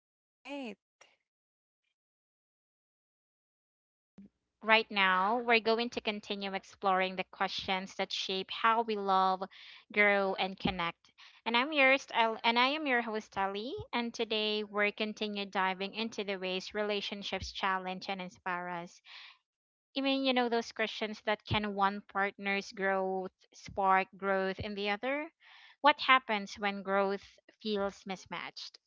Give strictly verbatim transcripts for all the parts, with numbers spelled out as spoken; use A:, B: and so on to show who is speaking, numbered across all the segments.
A: All right.
B: Everyone. Welcome back to our podcast. And w- right now, we're going to continue exploring the questions that shape how we love, grow, and connect. And I'm your style, and I am your host Ali. And today, we're continue diving into the ways relationships challenge and inspire us. Even you know those questions that can one partner's growth spark growth in the other. What happens when growth feels mismatched?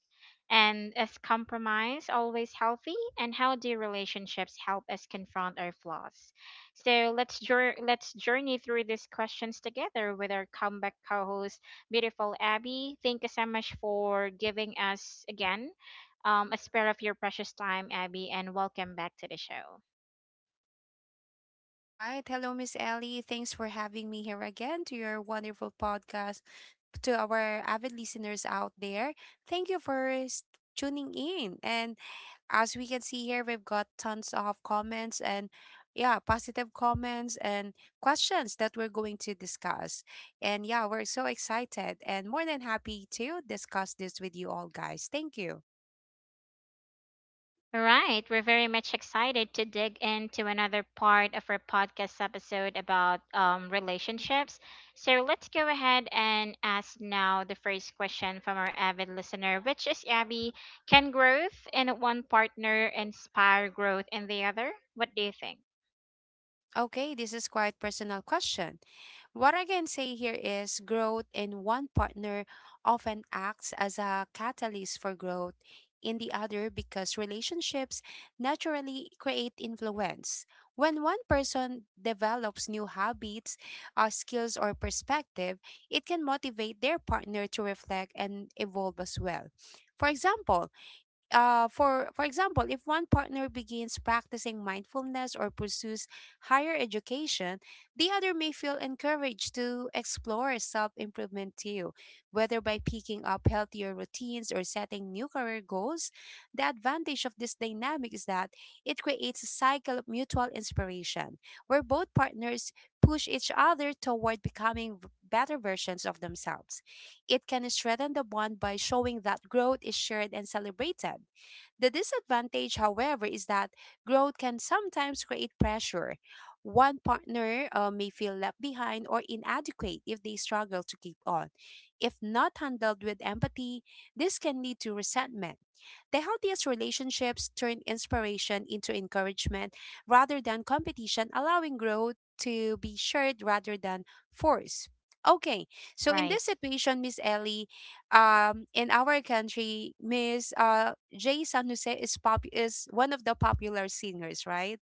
B: And is compromise always healthy? And how do relationships help us confront our flaws? So let's jour- let's journey through these questions together with our comeback co-host, beautiful Abby. Thank you so much for giving us again um, a spare of your precious time, Abby, and welcome back to the show.
A: All right. Hello, Miss Ellie. Thanks for having me here again to your wonderful podcast. To our avid listeners out there, thank you for s- tuning in. And as we can see here, we've got tons of comments and yeah, positive comments and questions that we're going to discuss. And yeah, we're so excited and more than happy to discuss this with you all, guys. Thank you.
B: Right. We're very much excited to dig into another part of our podcast episode about um, relationships. So let's go ahead and ask now the first question from our avid listener, which is Abby, can growth in one partner inspire growth in the other? What do you think?
A: Okay, this is quite personal question. What I can say here is growth in one partner often acts as a catalyst for growth in the other because relationships naturally create influence. When one person develops new habits, uh, skills, or perspective, it can motivate their partner to reflect and evolve as well. For example, uh, for for example, if one partner begins practicing mindfulness or pursues higher education, the other may feel encouraged to explore self-improvement too, whether by picking up healthier routines or setting new career goals. The advantage of this dynamic is that it creates a cycle of mutual inspiration, where both partners push each other toward becoming v- better versions of themselves. It can strengthen the bond by showing that growth is shared and celebrated. The disadvantage, however, is that growth can sometimes create pressure. One partner uh, may feel left behind or inadequate if they struggle to keep on. If not handled with empathy, this can lead to resentment. The healthiest relationships turn inspiration into encouragement rather than competition, allowing growth to be shared rather than forced. Okay, so in this
B: Right.
A: situation, Miss Ellie, um, in our country, Miss uh, Jay San Jose is pop is one of the popular singers, right?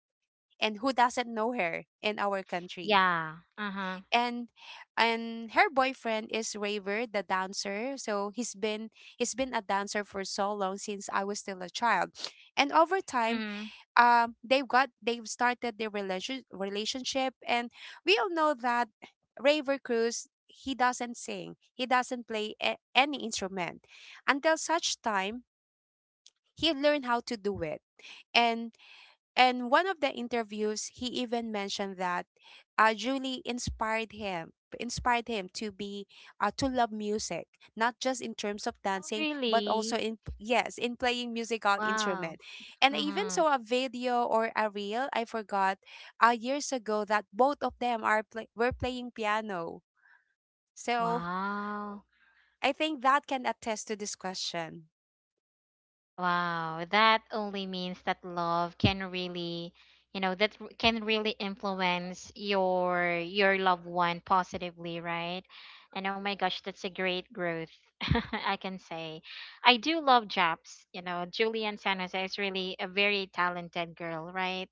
A: And who doesn't know her in our country?
B: Yeah. Uh huh.
A: And and her boyfriend is Raver, the dancer. So he's been he's been a dancer for so long since I was still a child. And over time,
B: Mm-hmm.
A: um, they've got they've started their relation relationship, and we all know that Raver Cruz, he doesn't sing, he doesn't play a- any instrument until such time he learned how to do it, and and one of the interviews he even mentioned that uh, julie inspired him inspired him to be uh, to love music, not just in terms of
B: Oh,
A: dancing but also
B: really?
A: in, yes, in playing musical
B: Wow.
A: instrument. And I even
B: Mm-hmm.
A: saw a video or a reel, I forgot, uh, years ago, that both of them are play- were playing piano. So
B: Wow.
A: I think that can attest to this question.
B: Wow, that only means that love can really, you know, that r- can really influence your your loved one positively, right? And oh my gosh, that's a great growth, I can say. I do love Japs, you know, Julian San Jose is really a very talented girl, right?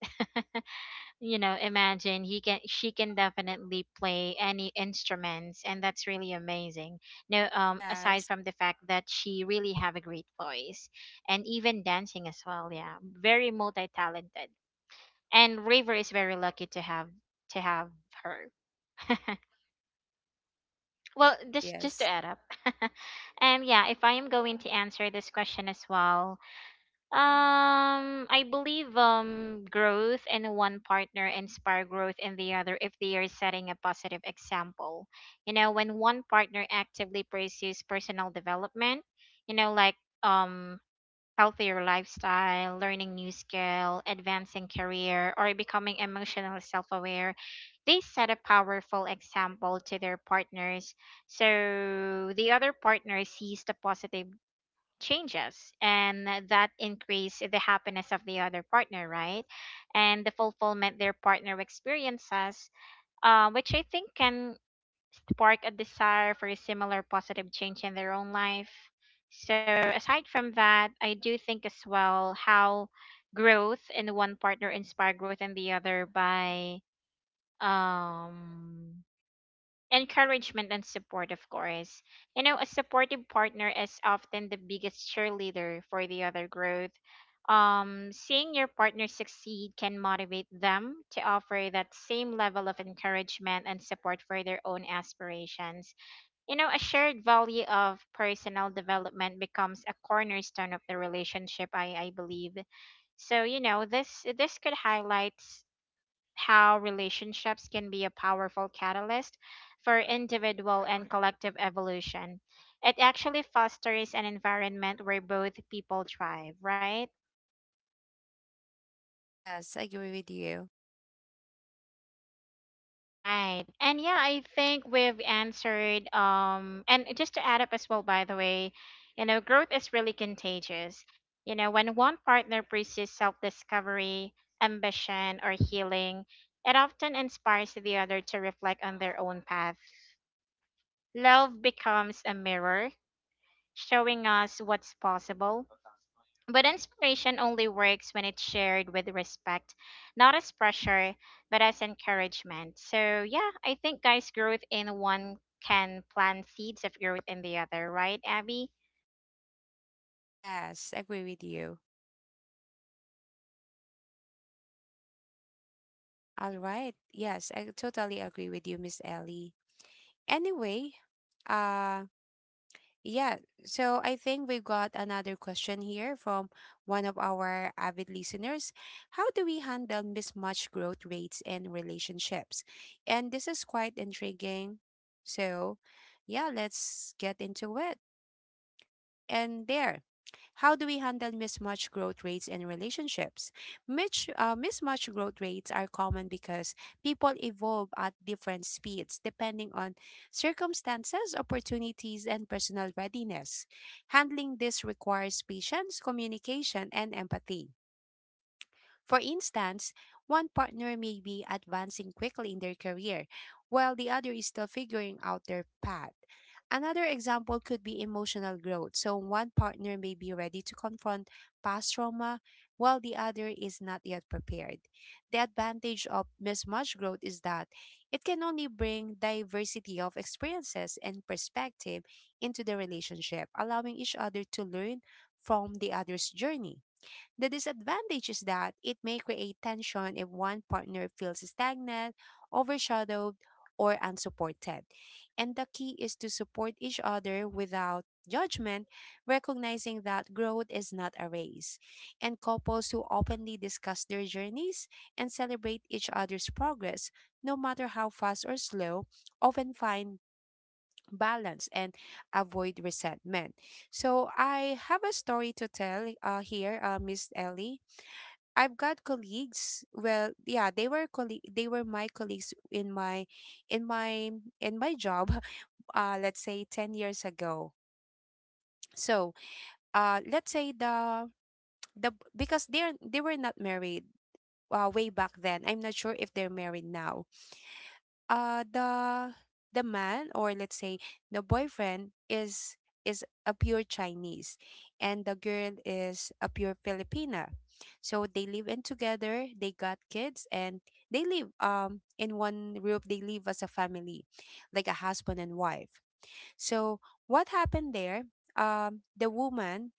B: You know, imagine he can she can definitely play any instruments, and that's really amazing. No, um, aside
A: yes
B: from the fact that she really have a great voice, and even dancing as well, yeah, very multi-talented. And river is very lucky to have to have her. Well, just just to
A: yes
B: add up. And yeah, if I am going to answer this question as well, um, I believe um growth in one partner inspire growth in the other if they are setting a positive example. You know, when one partner actively pursues personal development, you know, like, um healthier lifestyle, learning new skill, advancing career, or becoming emotional self-aware, they set a powerful example to their partners. So the other partner sees the positive changes, and that increase the happiness of the other partner, right? And the fulfillment their partner experiences, uh, which I think can spark a desire for a similar positive change in their own life. So aside from that, I do think as well how growth in one partner inspire growth in the other by, um, encouragement and support, of course. You know, a supportive partner is often the biggest cheerleader for the other growth. Um, seeing your partner succeed can motivate them to offer that same level of encouragement and support for their own aspirations. You know, a shared value of personal development becomes a cornerstone of the relationship, I, I believe. So, you know, this this could highlight how relationships can be a powerful catalyst for individual and collective evolution. It actually fosters an environment where both people thrive, right?
A: yes, I agree with you.
B: Right. And yeah, I think we've answered, um, and just to add up as well by the way, you know, growth is really contagious. You know, when one partner pursues self-discovery, ambition, or healing, it often inspires the other to reflect on their own path. Love becomes a mirror showing us what's possible. But inspiration only works when it's shared with respect, not as pressure, but as encouragement. So, yeah, I think, guys, growth in one can plant seeds of growth in the other, right, Abby?
A: Yes, agree with you. All right. Yes, I totally agree with you, Miss Ellie. Anyway, uh yeah, so I think we've got another question here from one of our avid listeners. How do we handle mismatched growth rates in relationships? And this is quite intriguing. So, yeah, let's get into it. And there, how do we handle mismatched growth rates in relationships? Mitch, uh, mismatched growth rates are common because people evolve at different speeds depending on circumstances, opportunities, and personal readiness. Handling this requires patience, communication, and empathy. For instance, one partner may be advancing quickly in their career, while the other is still figuring out their path. Another example could be emotional growth. So, one partner may be ready to confront past trauma, while the other is not yet prepared. The advantage of mismatched growth is that it can only bring diversity of experiences and perspective into the relationship, allowing each other to learn from the other's journey. The disadvantage is that it may create tension if one partner feels stagnant, overshadowed, or unsupported. And the key is to support each other without judgment, recognizing that growth is not a race. And couples who openly discuss their journeys and celebrate each other's progress, no matter how fast or slow, often find balance and avoid resentment. So I have a story to tell uh, here, uh, Miss Ellie. I've got colleagues. Well, yeah, they were colleague. They were my colleagues in my, in my, in my job. Uh, let's say ten years ago. So, uh, let's say the the because they're they were not married. Uh, way back then, I'm not sure if they're married now. uh the the man, or let's say the boyfriend, is is a pure Chinese, and the girl is a pure Filipina. So they live in together, they got kids, and they live um in one roof, they live as a family, like a husband and wife. So what happened there? Um the woman,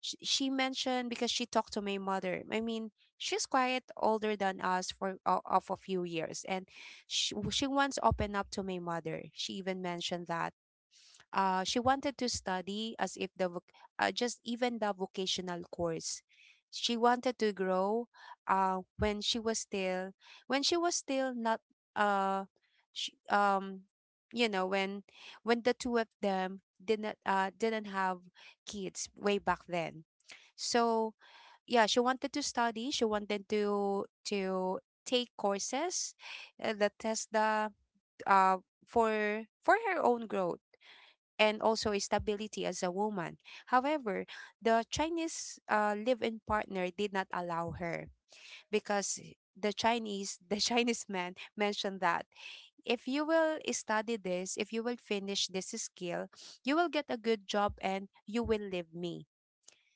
A: Sh- she mentioned, because she talked to my mother. I mean, she's quite older than us for uh, of a few years, and she, she once opened up to my mother. She even mentioned that uh, she wanted to study, as if the voc- uh, just even the vocational course. She wanted to grow uh, when she was still when she was still not uh, sh um you know, when when the two of them didn't uh, didn't have kids way back then. So yeah, she wanted to study, she wanted to to take courses uh, that test the uh, for for her own growth and also stability as a woman. However, the Chinese uh, live-in partner did not allow her, because the Chinese, the Chinese man mentioned that, if you will study this, if you will finish this skill, you will get a good job and you will leave me.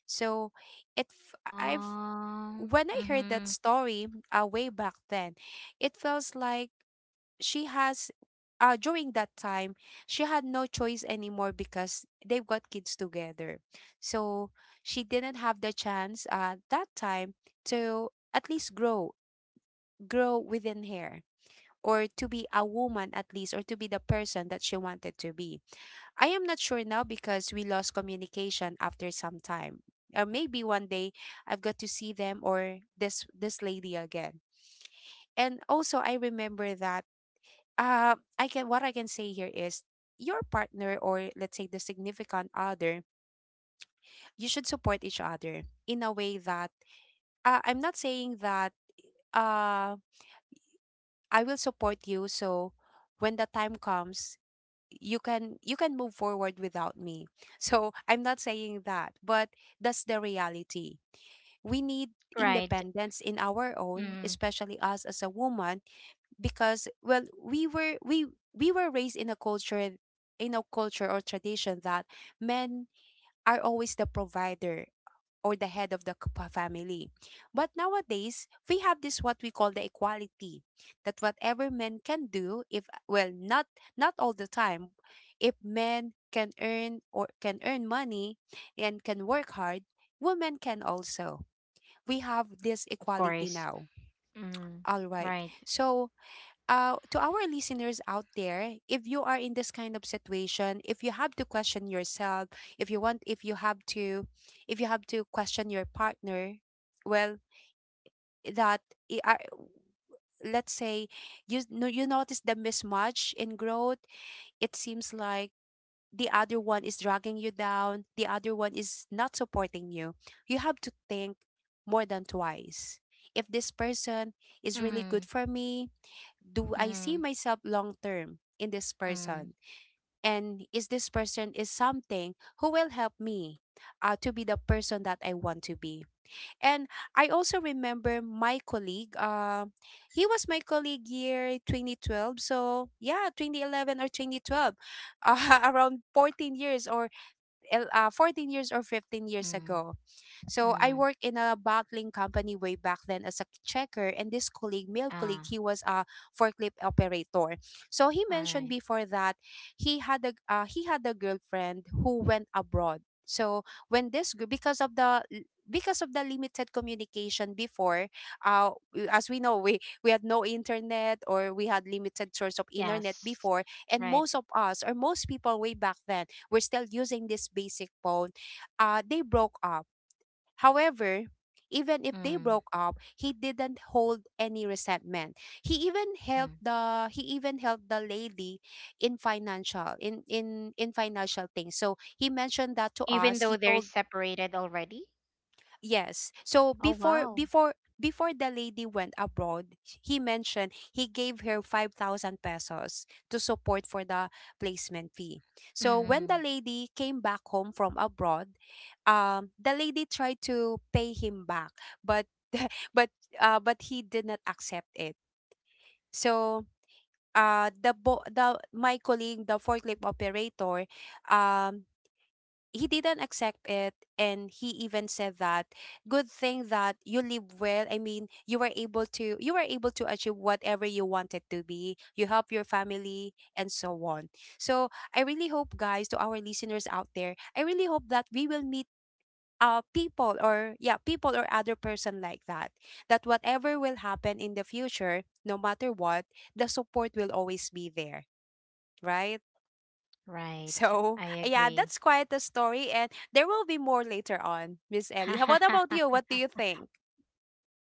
A: So it f- I've
B: Um,
A: when I heard that
B: mm-hmm,
A: story uh, way back then, it feels like she has uh during that time, she had no choice anymore because they've got kids together. So she didn't have the chance uh that time to at least grow grow within her, or to be a woman at least, or to be the person that she wanted to be. I am not sure now because we lost communication after some time. Or maybe one day I've got to see them, or this this lady again. And also I remember that, uh, I can, what I can say here is, your partner, or let's say the significant other, you should support each other in a way that, uh, I'm not saying that, uh I will support you so when the time comes, you can you can move forward without me. So I'm not saying that, but that's the reality. We need
B: right.
A: independence in our own,
B: Mm,
A: especially us as a woman, because well, we were we we were raised in a culture, in a culture or tradition, that men are always the provider, or the head of the c- pa- family. But nowadays, we have this what we call the equality, that whatever men can do, if, well, not not all the time, if men can earn or can earn money and can work hard, women can also. We have this
B: of
A: equality
B: course.
A: now.
B: Mm,
A: All right.
B: right.
A: So uh, to our listeners out there, if you are in this kind of situation, if you have to question yourself, if you want, if you have to, if you have to question your partner, well, that I- are let's say you no, you notice the mismatch in growth. It seems like the other one is dragging you down. The other one is not supporting you. You have to think more than twice. If this person is really good
B: Mm,
A: for me, do I see
B: mm,
A: myself long term in this
B: mm,
A: person? And is this person is something who will help me uh, to be the person that I want to be? And I also remember my colleague. Uh, he was my colleague year twenty twelve. So yeah, twenty eleven or twenty twelve, uh, around fourteen years, or el- uh, fourteen years or fifteen years
B: mm,
A: ago. So I
B: mm.
A: worked in a bottling company way back then as a checker, and this colleague, male colleague,
B: Ah,
A: he was a forklift operator. So he
B: all
A: mentioned
B: right.
A: before that he had a uh, he had a girlfriend who went abroad. So when this gr- because of the because of the limited communication before, uh, w- as we know, we, we had no internet, or we had limited source of internet
B: Yes.
A: before, and
B: Right.
A: most of us, or most people way back then, we're still using this basic phone. Uh, they broke up. However, even if they
B: Mm,
A: broke up, he didn't hold any resentment. He even helped
B: mm.
A: the he even helped the lady in financial, in in in financial things. So he mentioned that to
B: Even
A: us.
B: though
A: He
B: they're
A: told.
B: separated already?
A: Yes. So
B: Oh,
A: before
B: wow.
A: before before the lady went abroad, he mentioned he gave her five thousand pesos to support for the placement fee. So when the
B: Mm,
A: lady came back home from abroad, um the lady tried to pay him back, but but uh but he did not accept it. So uh the bo- the my colleague, the forklift operator, um he didn't accept it, and he even said that, "Good thing that you live well. I mean, you were able to you were able to achieve whatever you wanted to be, you help your family and so on." So I really hope, guys, to our listeners out there, I really hope that we will meet uh people, or yeah, people or other person like that, that whatever will happen in the future, no matter what, the support will always be there, right?
B: right.
A: So,
B: I
A: yeah,
B: agree.
A: that's quite a story, and there will be more later on, Miss Ellie. How What about you? What do you think?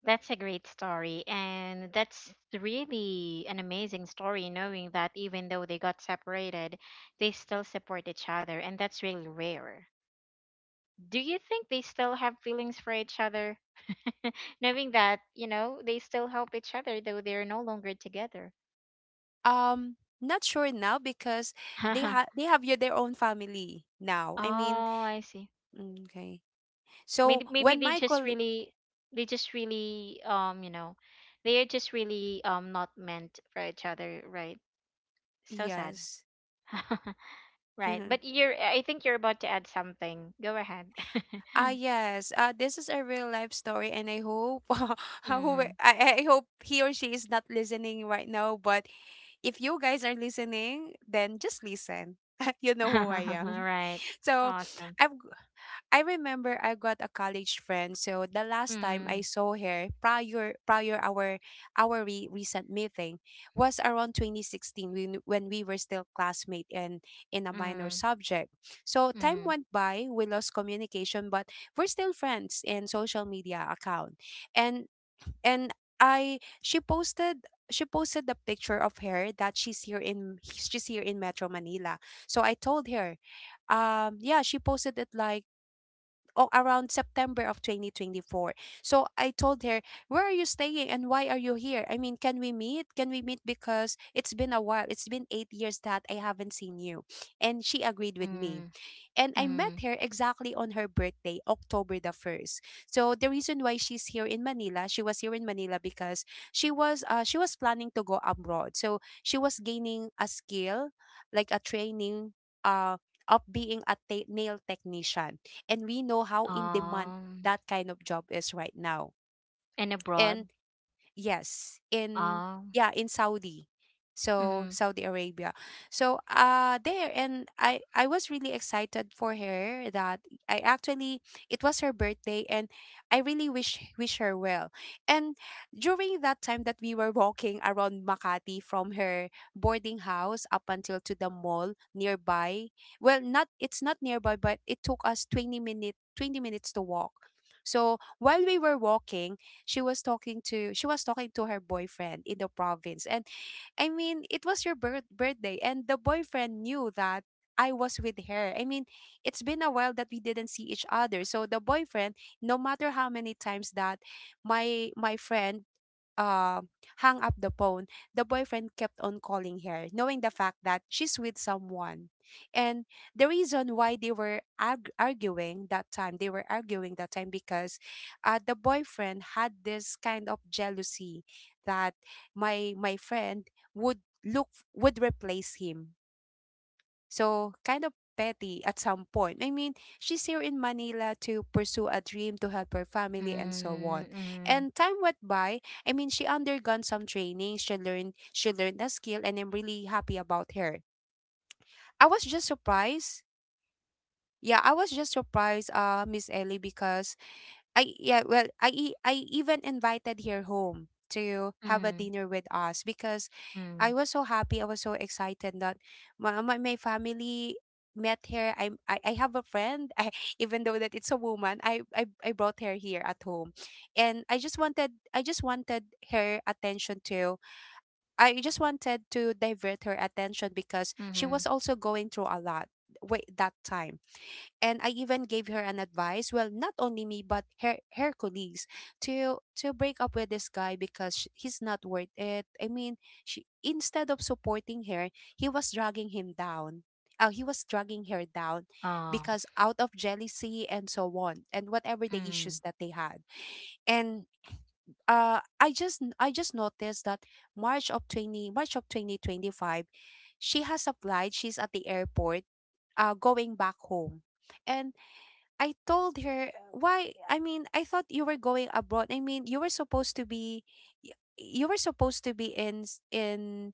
B: That's a great story. And that's really an amazing story, knowing that even though they got separated, they still support each other. And that's really rare. Do you think they still have feelings for each other? Knowing that, you know, they still help each other, though they're no longer together.
A: Um, Not sure now because they
B: Oh,
A: ha they have your their own family now. I mean,
B: I see.
A: mm, okay. So
B: Maybe maybe
A: when
B: they just
A: Michael,
B: really they just really um you know, they are just really, um, not meant for each other, right? So sad.
A: yes.
B: Right, but you're, I think you're about to add something, go ahead.
A: Ah yes, uh, this is a real life story, and I hope who
B: Mm.
A: I, I hope he or she is not listening right now. But if you guys are listening, then just listen. You know who I am.
B: Right.
A: So
B: Awesome.
A: I've I remember I got a college friend. So the last time
B: Mm,
A: I saw her prior prior our our re- recent meeting was around twenty sixteen, when when we were still classmate and in a minor
B: mm,
A: subject. So time
B: mm,
A: went by, we lost communication, but we're still friends in social media account. And and I she posted she posted the picture of her that she's here in she's here in Metro Manila. So I told her, um yeah, she posted it like, oh, around September of twenty twenty-four. So I told her, "Where are you staying and why are you here? I mean, can we meet? Can we meet because it's been a while. It's been eight years that I haven't seen you." And she agreed with me.
B: mm,
A: And I met
B: mm.
A: her exactly on her birthday, October the first. So the reason why she's here in Manila, she was here in Manila because she was uh, she was planning to go abroad. So she was gaining a skill, like a training, uh of being a ta- nail technician, and we know how in demand
B: Um,
A: that kind of job is right now.
B: and
A: And
B: abroad.
A: yes, in
B: Um,
A: yeah, in Saudi. So
B: mm,
A: Saudi Arabia. So uh there, and I I was really excited for her that I, actually, it was her birthday, and I really wish wish her well. And during that time that we were walking around Makati from her boarding house up until to the mall nearby. Well, not, it's not nearby, but it took us twenty minute twenty minutes to walk. So while we were walking, she was talking to she was talking to her boyfriend in the province, and I mean, it was your birth- birthday, and the boyfriend knew that I was with her. I mean, it's been a while that we didn't see each other. So the boyfriend, no matter how many times that my my friend uh, hung up the phone, the boyfriend kept on calling her, knowing the fact that she's with someone. And the reason why they were arg- arguing that time, they were arguing that time because uh, the boyfriend had this kind of jealousy that my my friend would look would replace him. So, kind of petty at some point. I mean, she's here in Manila to pursue a dream, to help her family and so
B: mm,
A: on.
B: mm,
A: And time went by. I mean, she undergone some training. She learned she learned a skill, and I'm really happy about her. I was just surprised. Yeah, I was just surprised, uh, Miss Ellie, because I yeah, well, I e- I even invited her home to have a
B: mm,
A: dinner with us, because
B: mm,
A: I was so happy, I was so excited that my my, my family met her. I, I I have a friend, I, even though that it's a woman. I, I I brought her here at home, and I just wanted I just wanted her attention to. I just wanted to divert her attention because she
B: mm,
A: was also going through a lot. Wait, that time, and I even gave her an advice. Well, not only me, but her her colleagues, to to break up with this guy because sh- he's not worth it. I mean, she instead of supporting her, he was dragging him down. Uh, he was dragging her down
B: um,
A: because out of jealousy and so on and whatever the
B: mm.
A: issues that they had. And uh i just I just noticed that march of twenty March of twenty twenty-five, she has applied she's at the airport, uh going back home. And I told her, why? I mean, I thought you were going abroad. I mean, you were supposed to be, y- you were supposed to be in s- in,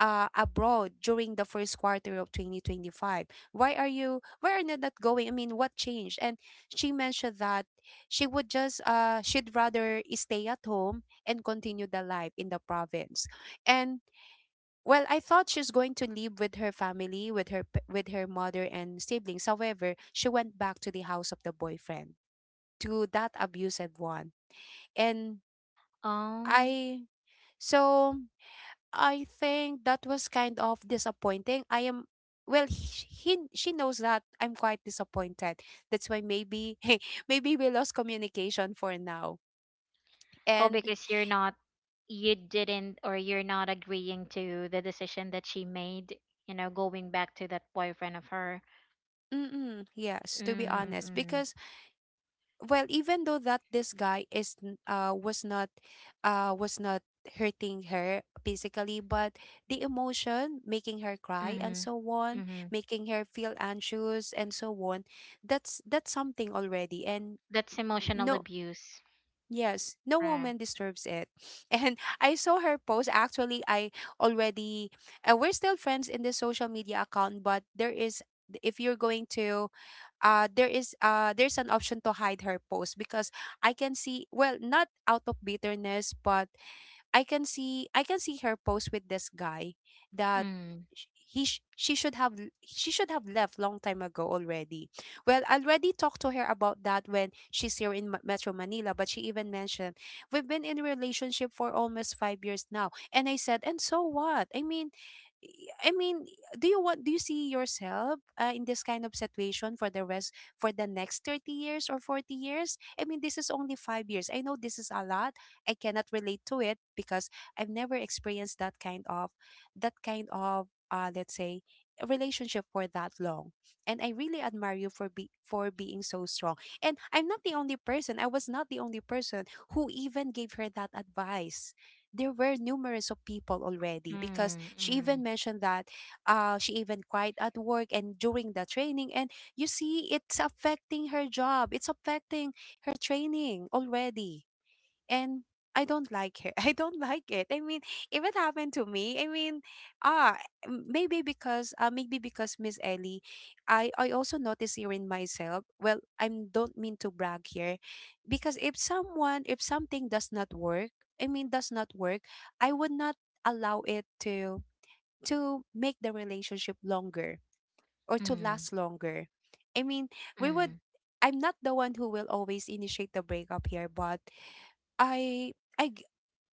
A: uh abroad during the first quarter of twenty twenty-five. Why are you why are you not going? I mean, what changed? And she mentioned that she would just, uh she'd rather stay at home and continue the life in the province. And well, I thought she's going to live with her family, with her p- with her mother and siblings. However, she went back to the house of the boyfriend, to that abusive one. And
B: Um,
A: I so I think that was kind of disappointing. I am, well, he, he she knows that I'm quite disappointed. That's why maybe maybe we lost communication for now.
B: oh,
A: And
B: because you're not, you didn't, or you're not agreeing to the decision that she made, you know, going back to that boyfriend of her.
A: mm-mm, yes, to be honest,
B: Mm-hmm.
A: because well, even though that this guy is n- uh was not uh was not hurting her physically, but the emotion making her cry and
B: Mm-hmm.
A: so
B: Mm-hmm.
A: on,
B: Mm-hmm.
A: making her feel anxious and so on, that's that's something already. And
B: That's emotional
A: no,
B: abuse.
A: yes, no
B: Right.
A: woman deserves it. And I saw her post, actually. I already, uh, we're still friends in the social media account, but there is, if you're going to, uh there is uh there's an option to hide her post, because I can see, well, not out of bitterness, but I can see I can see her post with this guy, that
B: Mm,
A: sh- he sh- she should have l- she should have left long time ago already. Well, I already talked to her about that when she's here in Ma- Metro Manila, but she even mentioned, "We've been in a relationship for almost five years now." And I said, "And so what? I mean, I mean, do you want do you see yourself, uh, in this kind of situation for the rest, for the next thirty years or forty years? I mean, this is only five years. I know this is a lot. I cannot relate to it because I've never experienced that kind of, that kind of uh let's say relationship for that long. And I really admire you for be for being so strong." And I'm not the only person. I was not the only person who even gave her that advice. There were numerous of people already, because
B: mm,
A: she
B: mm,
A: even mentioned that, uh, she even cried at work and during the training. And you see, it's affecting her job. It's affecting her training already. And I don't like it. I don't like it. I mean, if it happened to me, I mean, ah, m- maybe because, uh, maybe because Miss Ellie, I I also notice here in myself. Well, I don't mean to brag here, because if someone if something does not work, I mean, does not work, I would not allow it to to make the relationship longer, or to
B: mm,
A: last longer. I mean, we would.
B: mm.
A: I'm not the one who will always initiate the breakup here, but I I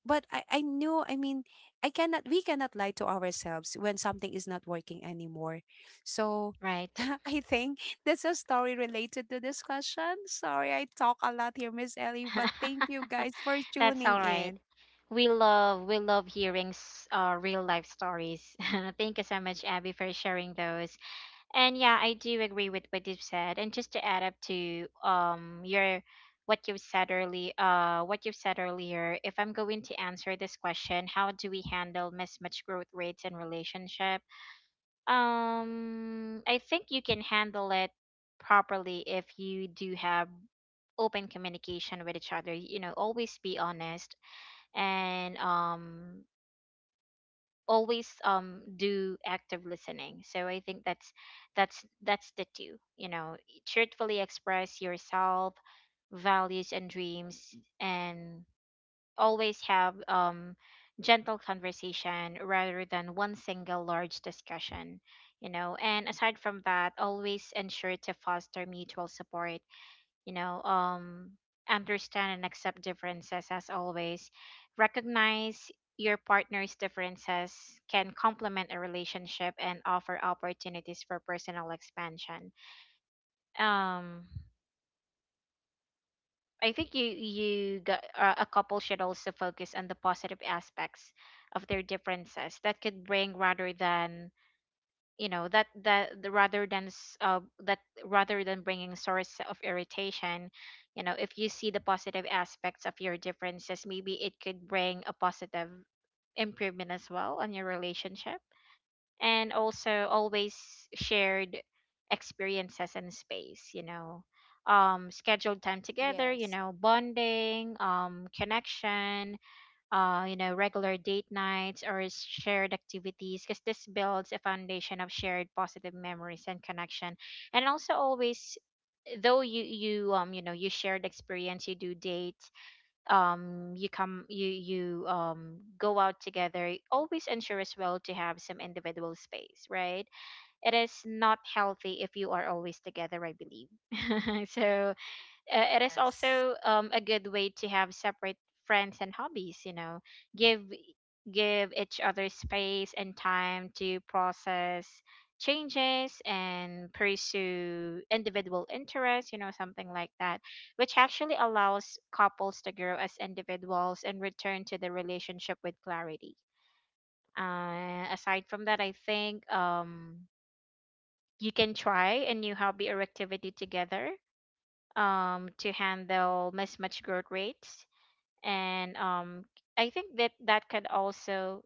A: but I, I knew, I mean, I cannot we cannot lie to ourselves when something is not working anymore. So
B: Right.
A: I think that's a story related to this question. Sorry I talk a lot here, Miss Ellie, but thank you guys for
B: That's
A: tuning
B: all right.
A: in.
B: We love we love hearing s- uh, real life stories. Thank you so much, Abby, for sharing those. And yeah, I do agree with what you've said. And just to add up to, um, your what you've said early uh what you've said earlier, if I'm going to answer this question, how do we handle mismatch growth rates in relationship? Um, I think you can handle it properly if you do have open communication with each other. You know, always be honest, and, um, always, um, do active listening. So I think that's that's that's the two, you know, truthfully express yourself, values, and dreams, and always have, um, gentle conversation rather than one single large discussion. You know, and aside from that, always ensure to foster mutual support. You know, um, understand and accept differences, as always recognize your partner's differences can complement a relationship and offer opportunities for personal expansion. Um, I think you you got, uh, a couple should also focus on the positive aspects of their differences that could bring rather than, you know, that that the, rather than s- uh, that rather than bringing source of irritation. You know, if you see the positive aspects of your differences, maybe it could bring a positive improvement as well on your relationship. And also always shared experiences and space, you know, um, scheduled time together, you
A: Yes.
B: know, bonding, um, connection, uh, you know, regular date nights or s- shared activities, because this builds a foundation of shared positive memories and connection. And also always, though you you um you know, you shared experience, you do date, um, you come you you um go out together, always ensure as well to have some individual space, right? It is not healthy if you are always together, I believe. So, uh, it is
A: Yes.
B: also, um, a good way to have separate friends and hobbies, you know, give give each other space and time to process changes and pursue individual interests, you know, something like that, which actually allows couples to grow as individuals and return to the relationship with clarity. Uh, aside from that, I think, um, you can try a new hobby or activity together, um, to handle mismatched growth rates. And, um, I think that that could also,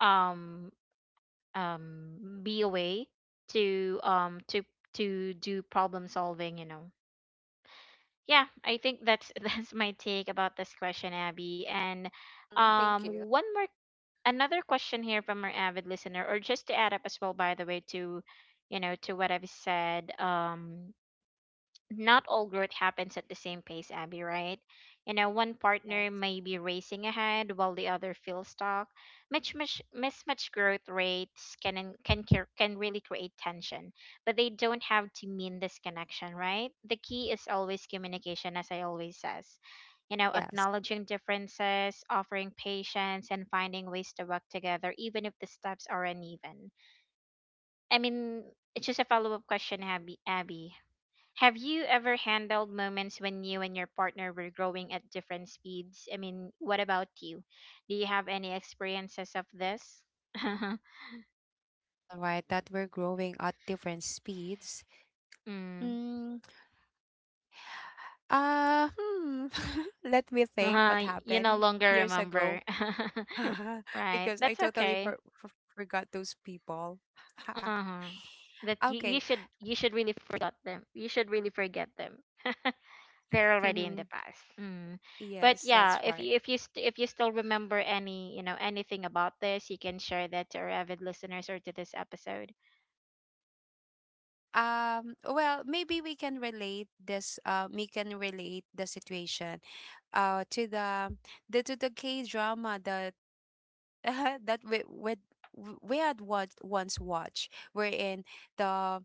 B: um, um, be a way to, um, to to do problem solving. You know, yeah, I think that's that's my take about this question, Abby. And,
A: Mm-hmm. Thank
B: um,
A: you.
B: one more another question here from our avid listener, or just to add up as well, by the way, to, you know, to what I've said. Um, not all growth happens at the same pace, Abby, right? You know, one
A: Yes.
B: partner may be racing ahead while the other feels stuck. Much, much, mismatched growth rates can en- can cre- can really create tension, but they don't have to mean disconnection, right? The key is always communication, as I always says. You know,
A: Yes.
B: acknowledging differences, offering patience, and finding ways to work together, even if the steps are uneven. I mean, it's just a follow up question, Abby. Abby, have you ever handled moments when you and your partner were growing at different speeds? I mean, what about you? Do you have any experiences of this?
A: All right, that we're growing at different speeds.
B: Mm.
A: Mm, uh, hmm. Let me think
B: Uh,
A: what
B: you no
A: happened
B: longer
A: years
B: remember.
A: ago.
B: Right.
A: Because I
B: That's
A: totally
B: okay.
A: for, for, forgot those people.
B: Uh-huh. That you, you
A: Okay.
B: should you should really forget them. You should really forget them. They're already in the past. Mm. But
A: Yes,
B: yeah,
A: that's
B: if
A: right.
B: you, if you st- if you still remember any, you know, anything about this, you can share that to our avid listeners or to this episode.
A: Um well, maybe we can relate this, uh we can relate the situation uh to the, the to the K drama that, uh, that we we we had watched once, watch wherein the,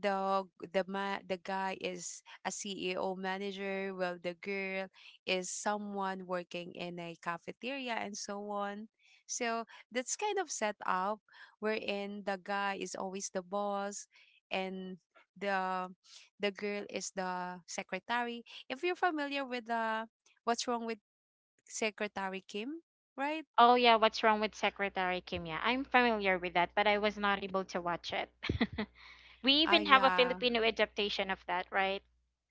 A: the the ma- the guy is a C E O manager, while the girl is someone working in a cafeteria and so on. So that's kind of set up wherein the guy is always the boss, and the the girl is the secretary. If you're familiar with the What's Wrong with Secretary Kim, right?
B: Oh yeah, what's wrong with Secretary Kim? Yeah, I'm familiar with that, but I was not able to watch it. We
A: Ah,
B: even have a
A: yeah.
B: Filipino adaptation of that, right?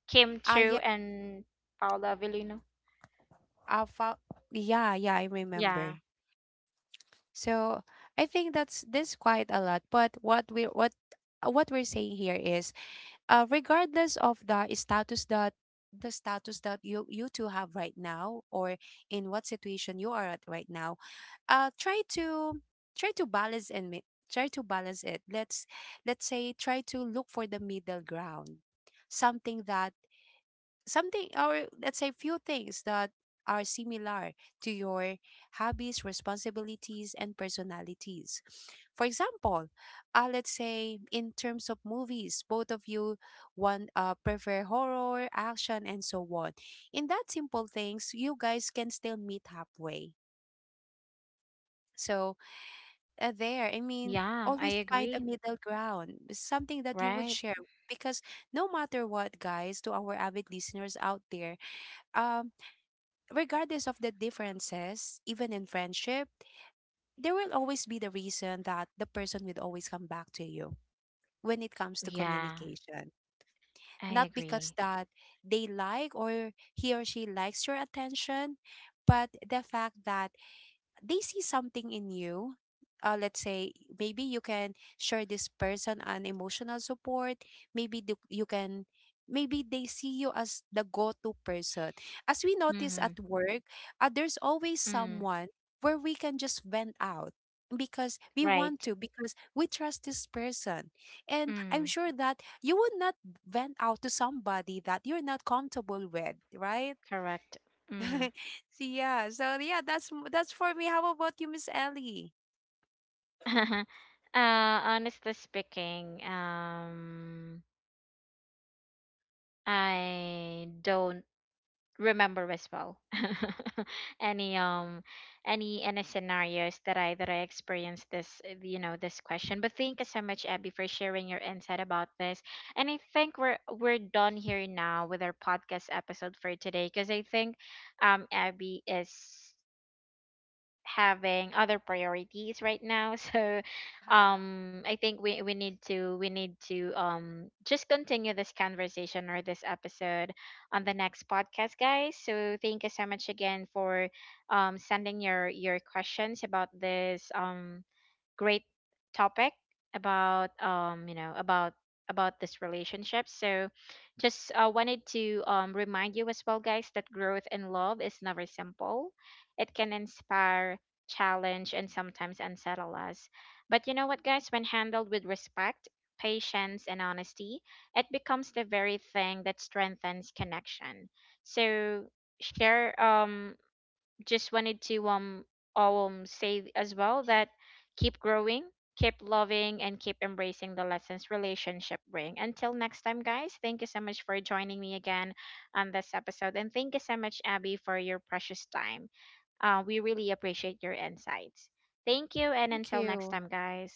B: Kim
A: Ah,
B: Chu
A: yeah,
B: and Paula Avellino.
A: I found. Yeah, yeah, I remember.
B: Yeah,
A: So I think that's this quite a lot. But what we what uh, what we're saying here is, uh, regardless of the status that, the status that you you two have right now, or in what situation you are at right now, uh, try to, try to balance and mi- try to balance it. Let's let's say, try to look for the middle ground, something that, something or let's say few things that are similar to your hobbies, responsibilities, and personalities. For example, uh, let's say in terms of movies, both of you want uh, prefer horror, action, and so on. In that simple things, you guys can still meet halfway. So uh, there, I mean,
B: yeah, I
A: always find a
B: agree.
A: middle ground, something that you would
B: Right?
A: share. Because no matter what, guys, to our avid listeners out there, um, regardless of the differences, even in friendship, there will always be the reason that the person will always come back to you when it comes to
B: Yeah,
A: communication.
B: I
A: Not because
B: agree.
A: that they like, or he or she likes your attention, but the fact that they see something in you, uh, let's say, maybe you can share this person an emotional support, maybe the, you can, maybe they see you as the go-to person. As we notice at
B: Mm-hmm.
A: work, uh, there's always
B: Mm,
A: someone where we can just vent out, because we want
B: right.
A: to, because we trust this person, and I'm
B: Mm,
A: sure that you would not vent out to somebody that you're not comfortable with, right?
B: correct. Mm.
A: So yeah, so yeah, that's m- that's for me. How about you, Miss Ellie?
B: Uh, honestly speaking, um, I don't remember as well. Any, um, any any scenarios that i that I experienced this, uh, you know, this question. But thank you so much, Abby, for sharing your insight about this. And I think we're we're done here now with our podcast episode for today, because I think, um, Abby is having other priorities right now. So,
A: Ah,
B: um, I think we we need to we need to, um, just continue this conversation or this episode on the next podcast, guys. So thank you so much again for, um, sending your your questions about this, um, great topic about, um, you know, about about this relationship. So just, uh, wanted to, um, remind you as well, guys, that growth in love is never simple. It can inspire, challenge, and sometimes unsettle us. But you know what, guys? When handled with respect, patience, and honesty, it becomes the very thing that strengthens connection. So share, um, just wanted to, um, um, say as well that keep growing, keep loving, and keep embracing the lessons relationship bring. Until next time, guys. Thank you so much for joining me again on this episode, and thank you so much, Abby, for your precious time. Uh, we really appreciate your insights. Thank you, and
A: thank
B: until next
A: you.
B: time, guys.